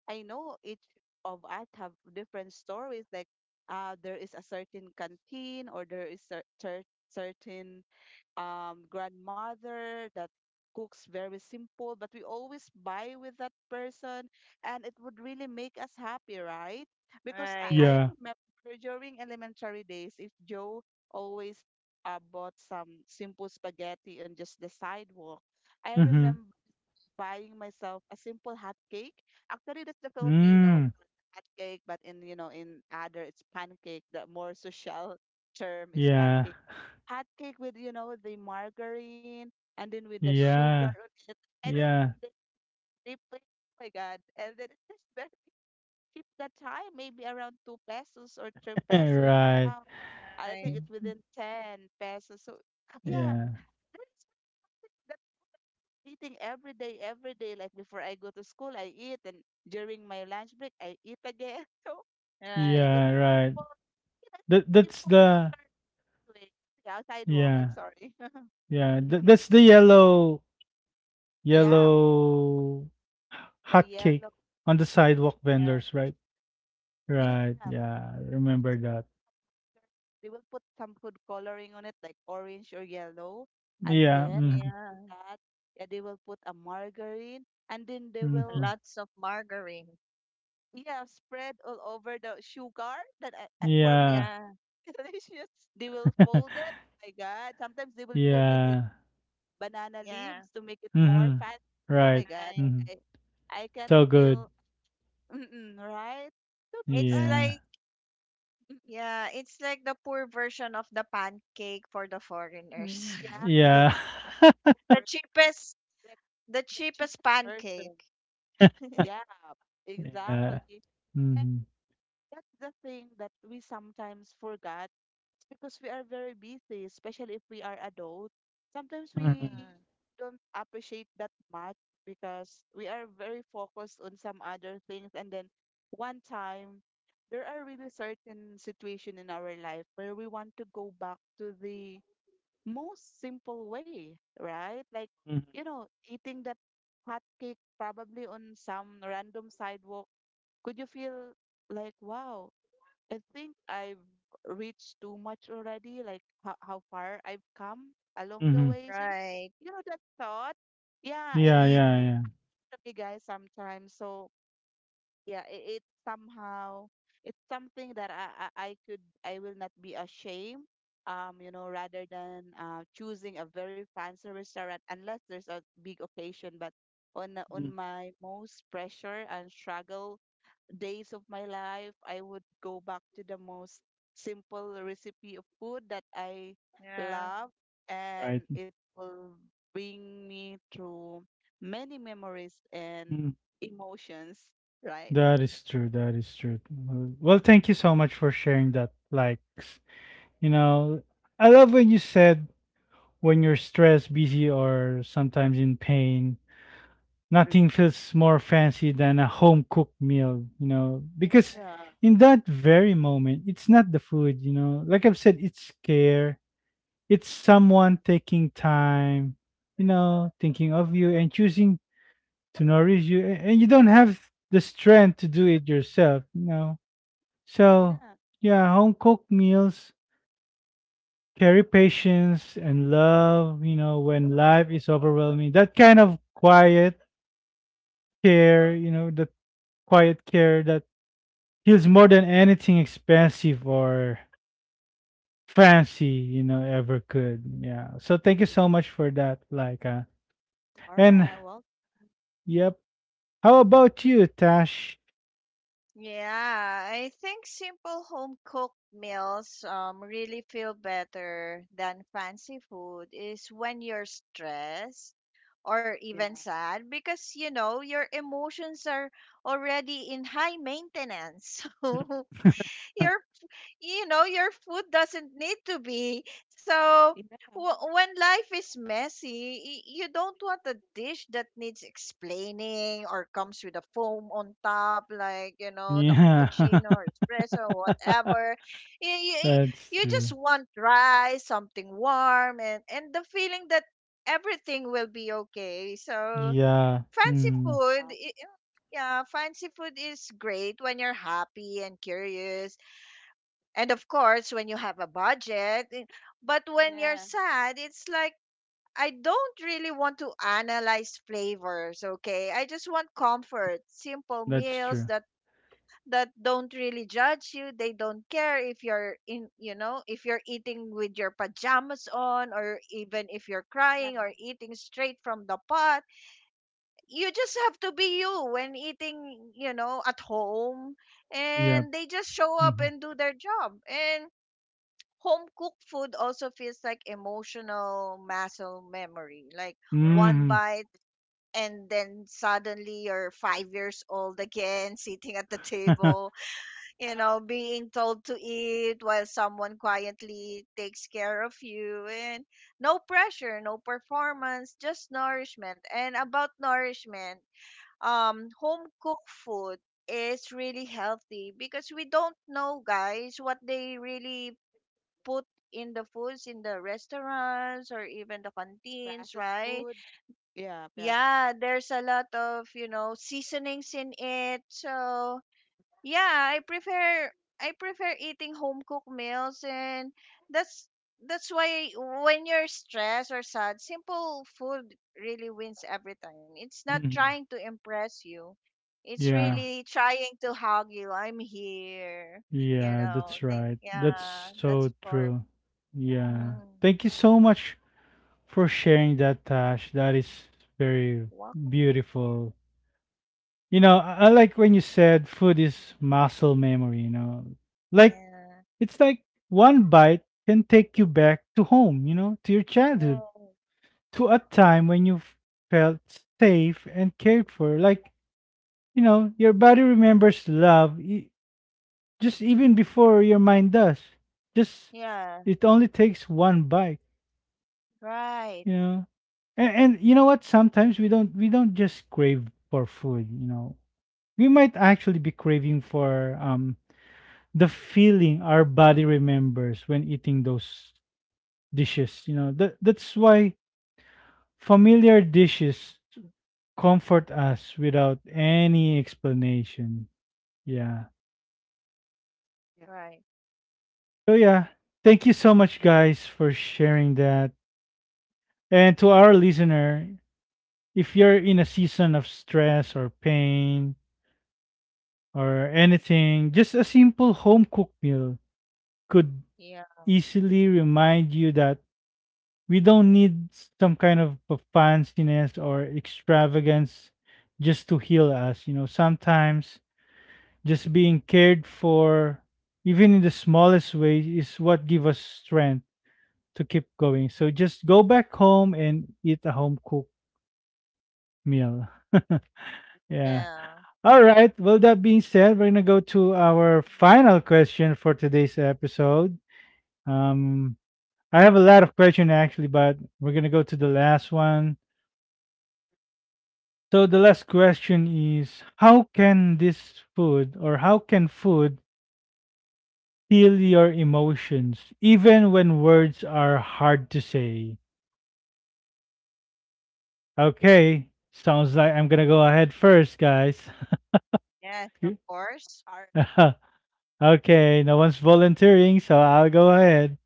I know each of us have different stories. Like, there is a certain canteen, or there is a certain grandmother that cooks very simple, but we always buy with that person, and it would really make us happy, right? Because
right,
I
Yeah.
remember during elementary days, if Joe always bought some simple spaghetti on just the sidewalk, I
Mm-hmm.
remember buying myself a simple hot cake. Actually, that's the Filipino
Mm.
hot cake, but in, in other, it's pancake. The more social term is
Yeah.
pancake hot cake with the margarine, and then with the sugar
Yeah.
on it, and then,
Yeah.
they pay, oh my god, and then it's just very cheap that time, maybe around two pesos or three pesos.
right.
Now I
right,
think it's within ten pesos, so yeah,
Yeah.
that is that eating every day, every day, like before I go to school I eat, and during my lunch break I eat again. So it's
right.
just
Yeah.
a
Right.
simple, it's just
That
a
that's
simple
the
start to it. Yeah, sidewalk,
yeah.
I'm sorry.
Yeah. That,
Mhm.
that's the
Yeah,
yellow
the
hot cake
yellow.
on the sidewalk
Yeah,
vendors, right?
Yeah,
Right,
because
yeah, I remember that.
they will put some food coloring on it, like orange or yellow, and
Yeah,
then
mhm,
yeah.
after that, yeah, they will put a margarine, and then they will,
mhm.
Lots of margarine.
yeah, spread all over the sugar. That for me
Yeah.
it's
Yeah,
delicious. They will fold it. Oh my God! Sometimes they will put it in
Yeah.
banana leaves
yeah.
to make it more
Mhm.
fancy. Oh my
Right,
God!
Right.
mhm.
I I can
So good.
feel mm-mm, right. So those
It's
are,
Yeah.
like, yeah, it's like the poor version of the pancake for the foreigners.
Mm,
yeah,
yeah.
The
full version,
cheapest,
like
the
the
cheapest
cheapest
pancake.
version. Yeah,
Yeah.
exactly. And
Mhm,
that's the thing that we sometimes forget, because we are very busy, especially if we are adult. Sometimes
mhm,
we
Mm,
don't appreciate that much because we are very focused on some other things. And then one time, there are really certain situation in our life where we want to go back to the most simple way, right? Like,
mhm,
you know, eating that hot cake probably on some random sidewalk, could you feel like, wow, I think I've reached too much already, like how far I've come along the
mhm.
way? So,
right.
you know, that thought, yeah,
Yeah,
it,
yeah,
it really
yeah.
Hmm.
to me, guys, sometimes. So, yeah, it somehow, it's something that I will not be ashamed. Rather than choosing a very fancy restaurant, unless there's a big occasion, but on
Mm,
my most pressure and struggle days of my life, I would go back to the most simple recipe of food that I
Yeah.
love, and
right.
it will bring me through many memories and
Mm,
emotions, right?
that is true, that is true. Well, well, thank you so much for sharing that, like, s you know, I love when you said when you're stressed, busy, or sometimes in pain,
Mm.
nothing feels more fancy than a home cooked meal, you know, because
Right.
Yeah,
in that very moment, it's not the food, you know, like I've said, it's care, it's someone taking time, you know, thinking of you and choosing to nourish you, and you don't have the strength to do it yourself, you know. So,
yeah.
yeah, home cooked meals carry patience and love, you know, when life is overwhelming, that kind of quiet care, you know, that quiet care that he's more than anything expensive or fancy you know ever could yeah so thank you so much for that like
All
and
right. Well.
yep how about you tash
Yeah, I think simple home cooked meals really feel better than fancy food, is when you're stressed or
Yeah.
even sad, because you know your emotions are already in high maintenance. So your, you know, your food doesn't need to be so,
Yeah,
when life is messy, you don't want a dish that needs explaining or comes with a foam on top, like, you know, the
yeah
cappuccino or espresso or whatever. you, you,
that's
you
true
just want rice, something warm, and the feeling that everything will be okay. So
yeah
fancy
mm,
food
yeah,
yeah, fancy food is great when you're happy and curious, and of course, when you have a budget, but
yeah.
when you're
Yeah.
sad, it's like, I don't really want to analyze flavors, okay? I just want comfort, simple
that's
meals
true
that don't really judge you. They don't care if you're in, you know, if you're eating with your pajamas on, or even if you're crying or eating straight from the pot. You just have to be you when eating, you know, at home,
yep
and they just show up
hmm
and do their job. And home cooked food also feels like emotional muscle memory. Like, one
hmm
bite, and then suddenly you're 5 years old again, sitting at the table,
Uh,
you know, being told to eat while someone quietly takes care of you. And no pressure, no performance, just nourishment. And about nourishment, home cooked food is really healthy, because we don't know, guys, what they really put in the foods in the restaurants, or even the canteens,
Processed food.
right?
Yeah, yeah.
Yeah, there's a lot of, you know, seasonings in it. So, yeah, I prefer eating home cooked meals, and that's that's why when you're stressed or sad, simple food really wins every time. It's not
hmm
trying to impress you. It's
Mm.
yeah
really trying to hug you. I'm here. You
yeah
know,
that's
they,
right
yeah,
that's
Yep.
so
that's for
true yeah
Mm.
thank you so much for sharing that, Tash. That is very
Wow.
beautiful. You know, I like when you said food is muscle memory, you know. Like
Yeah.
it's like one bite can take you back to home, you know, to your
Yeah.
childhood, to a time when you felt safe and cared for. Like, you know, your body remembers love just even before your mind does. Just
Yeah.
it only takes one bite,
Right.
you know. And you know what? Sometimes we don't just crave for food. You know, we might actually be craving for the feeling our body remembers when eating those dishes. You know, that that's why familiar dishes comfort us without any explanation. Yeah.
Yep.
Right.
So yeah, thank you so much, guys, for sharing that. And to our listener, if you're in a season of stress or pain or anything, just a simple home cooked meal could
Yeah.
easily remind you that we don't need some kind of a fanciness or extravagance just to heal us. You know, sometimes just being cared for, even in the smallest way, is what give us strength to keep going. So just go back home and eat a home cooked meal. yeah.
Yeah.
All right. Well, that being said, we're gonna go to our final question for today's episode. Um, I have a lot of questions actually, but we're gonna go to the last one. So the last question is: How can this food, or how can food, heal your emotions, even when words are hard to say? Okay,
Oh,
sounds like I'm gonna go ahead first, guys.
yes, of course.
All right.
Okay, no one's volunteering, so I'll go ahead.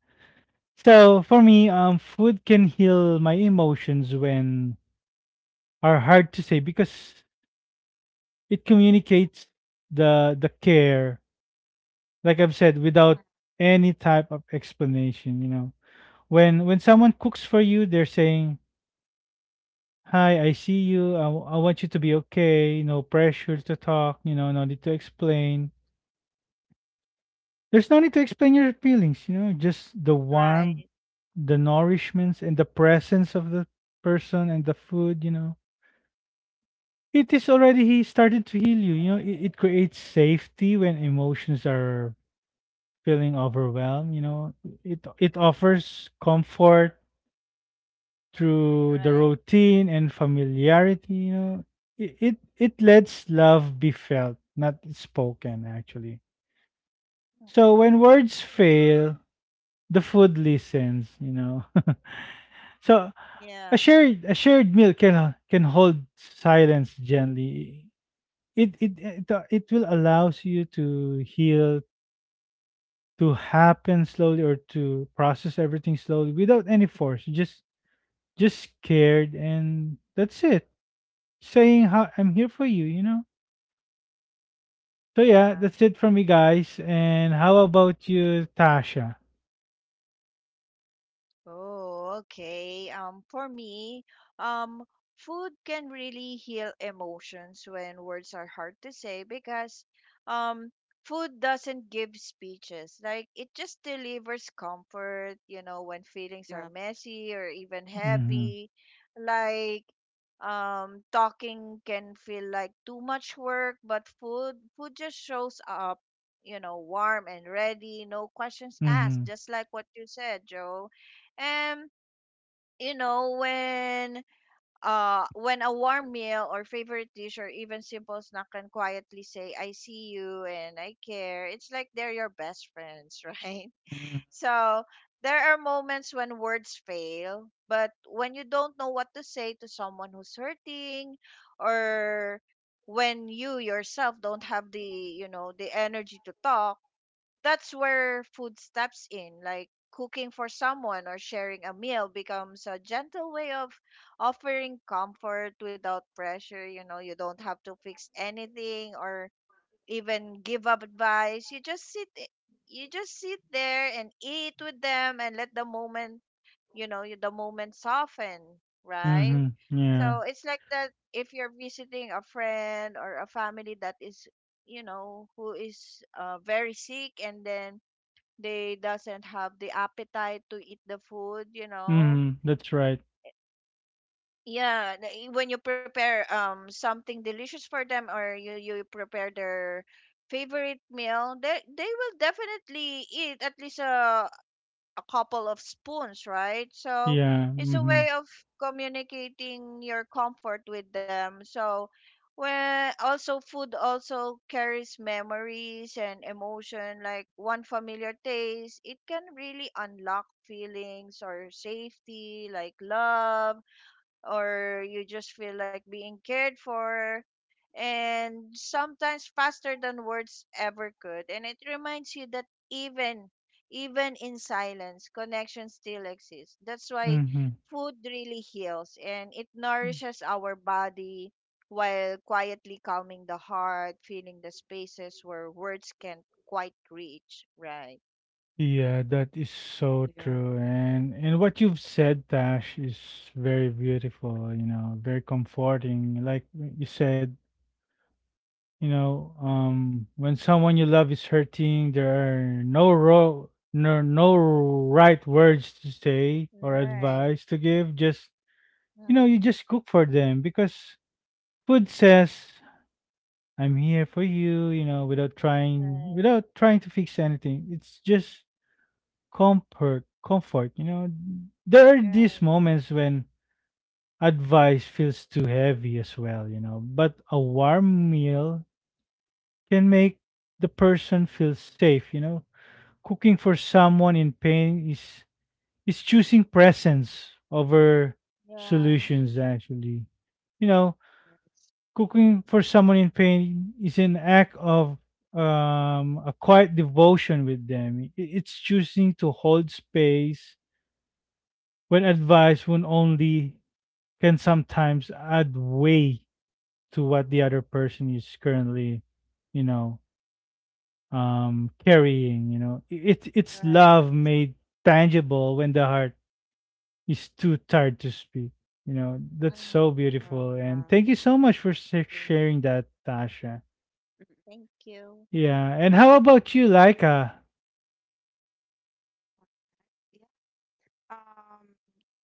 So for me, food can heal my emotions when are hard to say because it communicates the care, like I've said,
Mm.
without any type of explanation. You know, when someone cooks for you, they're saying, "Hi, I see you. I want you to be okay. No pressure to talk. You know, no need to explain. There's no need to explain your feelings. You know, just the warmth,
Right.
the nourishments, and the presence of the person and the food. You know." It is already he started to heal you. You know, it creates safety when emotions are feeling overwhelmed. You know, it offers comfort through the
Right.
routine and familiarity. You know, it lets love be felt, not spoken. Actually,
Mm.
so when words fail, the food listens. You know, so a
Yeah.
shared a shared meal can hold silence gently. It eh, it, it will allows you to heal to happen slowly or to process everything slowly without any force just scared and that's it saying how I'm here for you you know So
Yeah.
yeah, that's it from me, guys. And how about you, Tasha?
Oh, okay. For me, um, food can really heal emotions when words are hard to say, because um, food doesn't give speeches. Like, it just delivers comfort, you know, when feelings are
Yeah.
messy or even
Mm-hmm.
heavy. Like, talking can feel like too much work, but food just shows up, you know, warm and ready, no questions asked,
Mm-hmm.
just like what you said, Joe. And, you know, when a warm meal or favorite dish or even simple snack can quietly say, I see you and I care, it's like they're your best friends, right?
Mm-hmm.
So there are moments when words fail, but when you don't know what to say to someone who's hurting, or when you yourself don't have the, you know, the energy to talk, that's where food steps in. Like, cooking for someone or sharing a meal becomes a gentle way of offering comfort without pressure. You know, you don't have to fix anything or even give up advice. You just sit, you just sit there and eat with them and let the moment, you know, the moment soften, right?
Mm-hmm, yeah.
So it's like that, if you're visiting a friend or a family that is, you know, who is very sick, and then they doesn't have the appetite to eat the food, you know.
Mm-hmm, that's right.
Yeah, when you prepare something delicious for them, or you prepare their favorite meal, they will definitely eat at least a couple of spoons, right? So
Yeah.
it's a
Mm-hmm.
way of communicating your comfort with them. So when, also, food also carries memories and emotion. Like, one familiar taste, it can really unlock feelings or safety, like love, or you just feel like being cared for, and sometimes faster than words ever could. And it reminds you that even in silence, connection still exists. That's why
Mm-hmm.
food really heals, and it nourishes our body while quietly calming the heart, feeling the spaces where words can't quite reach, right?
Yeah, that is so
Yeah.
true. And what you've said, Tash, is very beautiful, you know, very comforting. Like you said, you know, when someone you love is hurting, there are no ro no no right words to say or
Right.
advice to give. Just you know, you
Mhm.
just cook for them because food says, "I'm here for you," you know, without trying
Right.
without trying to fix anything. It's just comfort, you know. There are
right
these moments when advice feels too heavy as well, you know, but a warm meal can make the person feel safe, you know. Cooking for someone in pain is choosing presence over
yeah
solutions, actually, you know.
Yes.
Cooking for someone in pain is an act of a quiet devotion with them. It's choosing to hold space when advice when only can sometimes add weight to what the other person is currently, you know,
Mhm.
carrying, you know. It's
Right.
love
Yes.
made tangible when the heart is too tired to speak, you know. That's so
Oh,
beautiful, and
wow.
thank you so much for
With.
sharing that, Tasha.
Mhm.
Thank you.
Yeah. And how
Mhm.
about you, Laika?
Yeah. Um,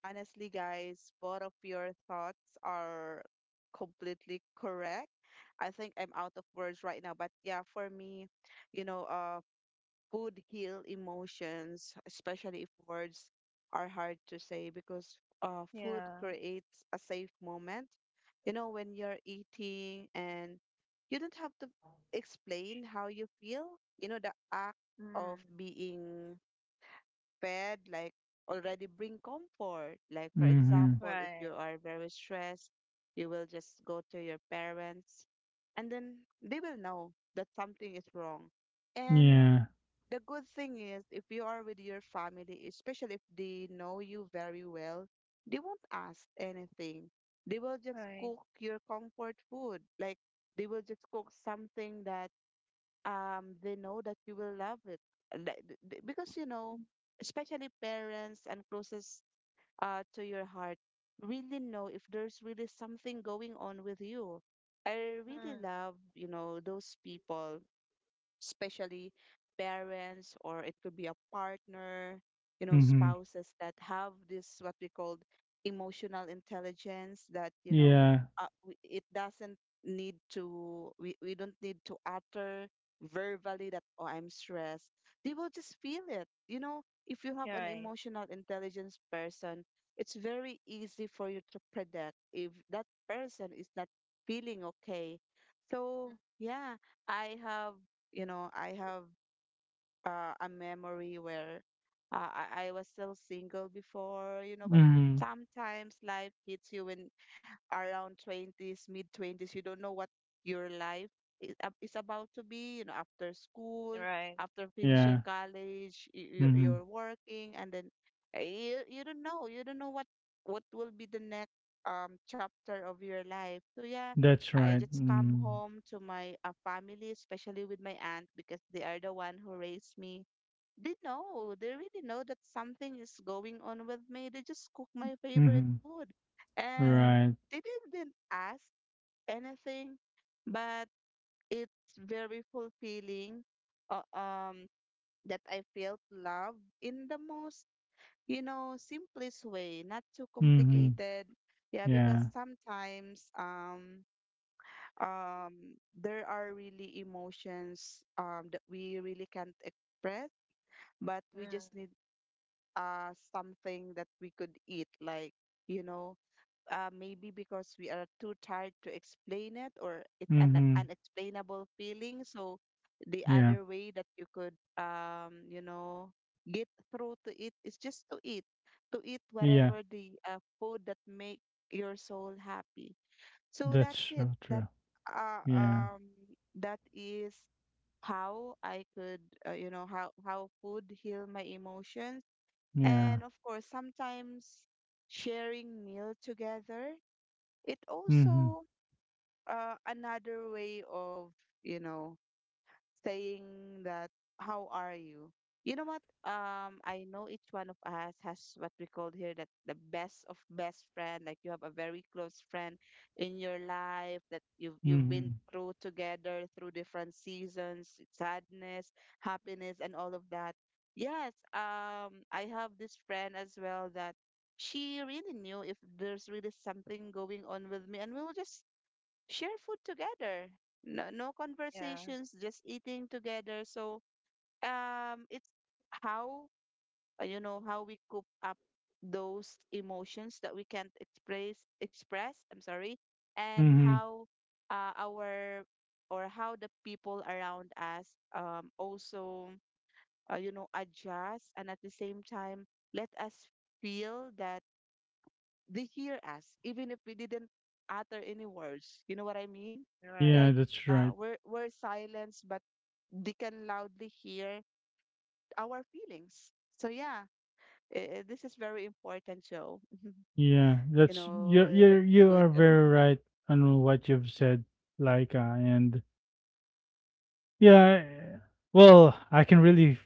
Honestly, guys, both of your thoughts are completely correct. I think I'm out of words right now, but yeah, for me, you know, uh, food heal emotions, especially if words are hard to say, because food
Yeah.
creates a safe moment. You know, when you're eating and you don't have to explain how you feel, the act
Mm.
of being bed like already bring comfort. Like for
Mm-hmm.
example, if
Right.
you are very stressed, you will just go to your parents, and then they will know that something is wrong. And
Yeah.
the good thing is, if you are with your family, especially if they know you very well, they won't ask anything. They will just
Right.
cook your comfort food. Like, they will just cook something that they know that you will love it. Like, because especially parents and closest to your heart really know if there's really something going on with you. I
Mm.
really love, those people, especially parents, or it could be a partner,
Mm-hmm.
spouses that have this what we call emotional intelligence, that,
Yeah.
it doesn't need to, we don't need to utter verbally that, oh, I'm stressed. They will just feel it. If you have an
Right.
emotional intelligence person, it's very easy for you to predict if that person is not feeling okay. So, yeah, I have I have a memory where uh, I was still single before, but
Mm-hmm.
sometimes life hits you in, around 20s, mid 20s, you don't know what your life is, is about to be, after school,
Right.
after finishing
Yeah.
college, you're
Mm-hmm,
working, and then you don't know what will be the next chapter of your life. So yeah,
that's
I
right.
just come
Mm-hmm.
home to my family, especially with my aunt, because they are the one who raised me. They know, they really know that something is going on with me. They just cook my favorite
Mm-hmm.
food. And
Right.
Right.
they didn't ask anything, but it's very fulfilling. Uh, um, that I felt love in the most, simplest way, not too
Mhm.
complicated. Yeah, because
Yeah.
sometimes um there are really emotions that we really can't express, but we
Mm.
just need something that we could eat, like, you know maybe because we are too tired to explain it, or it's an
Mhm.
unexplainable feeling, so the
Yeah.
other way that you could get through to it is just to eat
Yeah.
whatever the food that make your soul happy. So
That's
that's it.
so true.
Uh,
Yeah.
um that is how I could, how food heal my emotions.
Yeah.
And of course, sometimes sharing meal together, it
Mhm.
also another way of, you know, saying that how are you. You know what, I know each one of us has what we call here that the best of best friend, like you have a very close friend in your life that you've been
Mhm.
through together through different seasons, sadness, happiness, and all of that. Yes, I have this friend as well that she really knew if there's really something going on with me, and we will just share food together. No, no
Yeah.
conversations, just eating together. So, it's how you know how we coop up those emotions that we can't express. Express, I'm sorry, and
Mhm.
how our or how the people around us also adjust, and at the same time let us feel that they hear us even if we didn't utter any words, you know what I mean?
Right.
Yeah,
Like,
that's right.
we're silenced, but they can loudly hear our feelings. So yeah, this is very important, Joe.
Yeah.
You
That's, you
know,
you
the
you are
food.
very right on what you've said, like and yeah, well, I can really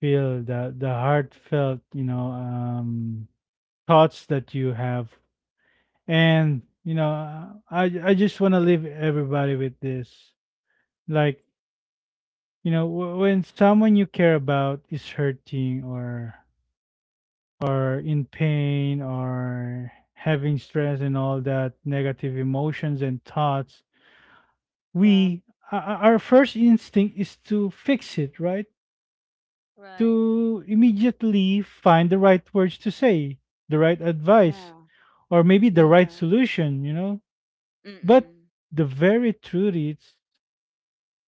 feel the heartfelt, you know, thoughts that you have. And, you know, I just want to leave everybody with this. Like, you know, when someone you care about is hurting or in
Mm.
pain or having stress and all that negative emotions and thoughts,
Yeah,
we o- o- our first instinct is to fix it, right?
Right.
To immediately find the right words to say, the right advice,
yeah,
or maybe the right
yeah.
solution, you know? But
Mm-mm.
the very truth is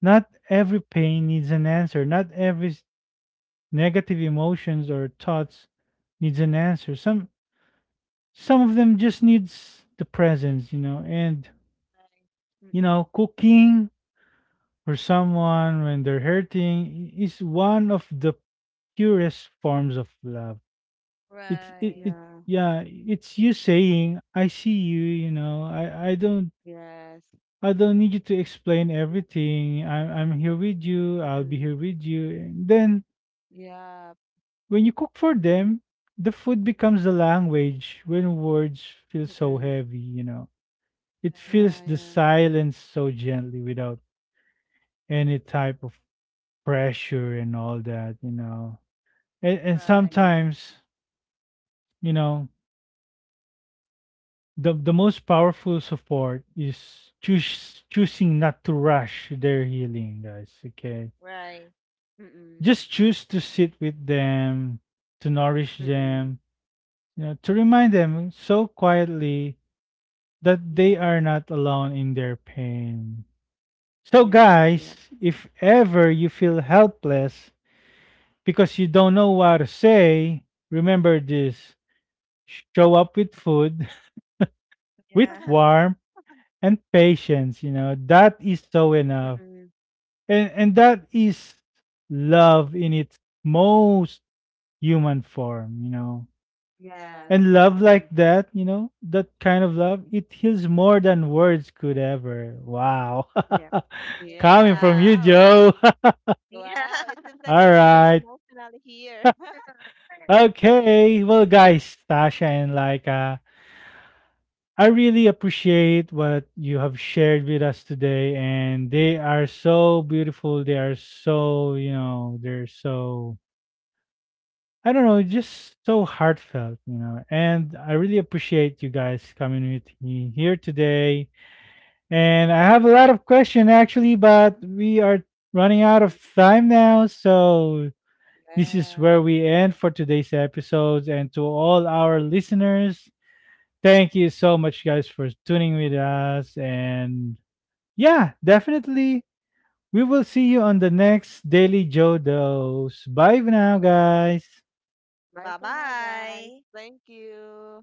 not every pain needs an answer. Not every negative emotions or thoughts needs an answer. Some of them just needs the presence, you know. And you know,
Mm-mm.
cooking for someone when they're hurting is one of the purest forms of love. It's it,
Right.
it
Yeah.
yeah, it's you saying, "I see you," you know. I don't
Yes.
I don't need you to explain everything. I'm here with you, I'll be
Mm-mm.
here with you. And then
Yeah.
when you cook for
Mm-mm.
them, the food becomes the language when words feel so
Mm-mm.
heavy, you know. It
Right.
fills
Yeah,
the
yeah.
silence so gently without any type of pressure and all that, you know. And
Right.
Mm-mm.
sometimes, you know, the most powerful support is choosing not to rush their healing, guys. Okay.
Right.
Mm-mm.
Just choose to sit with them, to nourish
Mm-mm.
them, you know, to remind them so quietly that they
Yeah.
are not alone in their pain. So,
Yep, yep.
guys, if ever you feel helpless because you don't know what to say, remember this: show up with food, with
Yeah.
warmth, and patience. You know, that is so enough.
Mm-mm.
And that is love in its most human form, you know.
Yes,
And
Yes.
love like
exactly.
that, you know, that kind of love, it heals more than words could ever. Wow.
Yeah.
Coming
Yes.
from
Yeah.
you,
Wow.
Joe. All
Wow. It
Yeah.
seems like we're getting
right.
emotional here.
Okay. Well, guys, Tasha and Laika, I really appreciate what you have shared with us today. And they are so beautiful. They are so, you know, they're so, I don't know, just so heartfelt, you know. And I really appreciate you guys coming with me here today. And I have a lot of questions actually, but we are running out of
Mhm.
time now. So this is
Yeah.
where we end for today's episodes. And to all our listeners, thank you so much, guys, for tuning with us. And yeah, definitely. We will see you on the next Daily Joe Dose. Bye for now, guys.
Bye
Bye
for now, guys.
bye.
Thank you.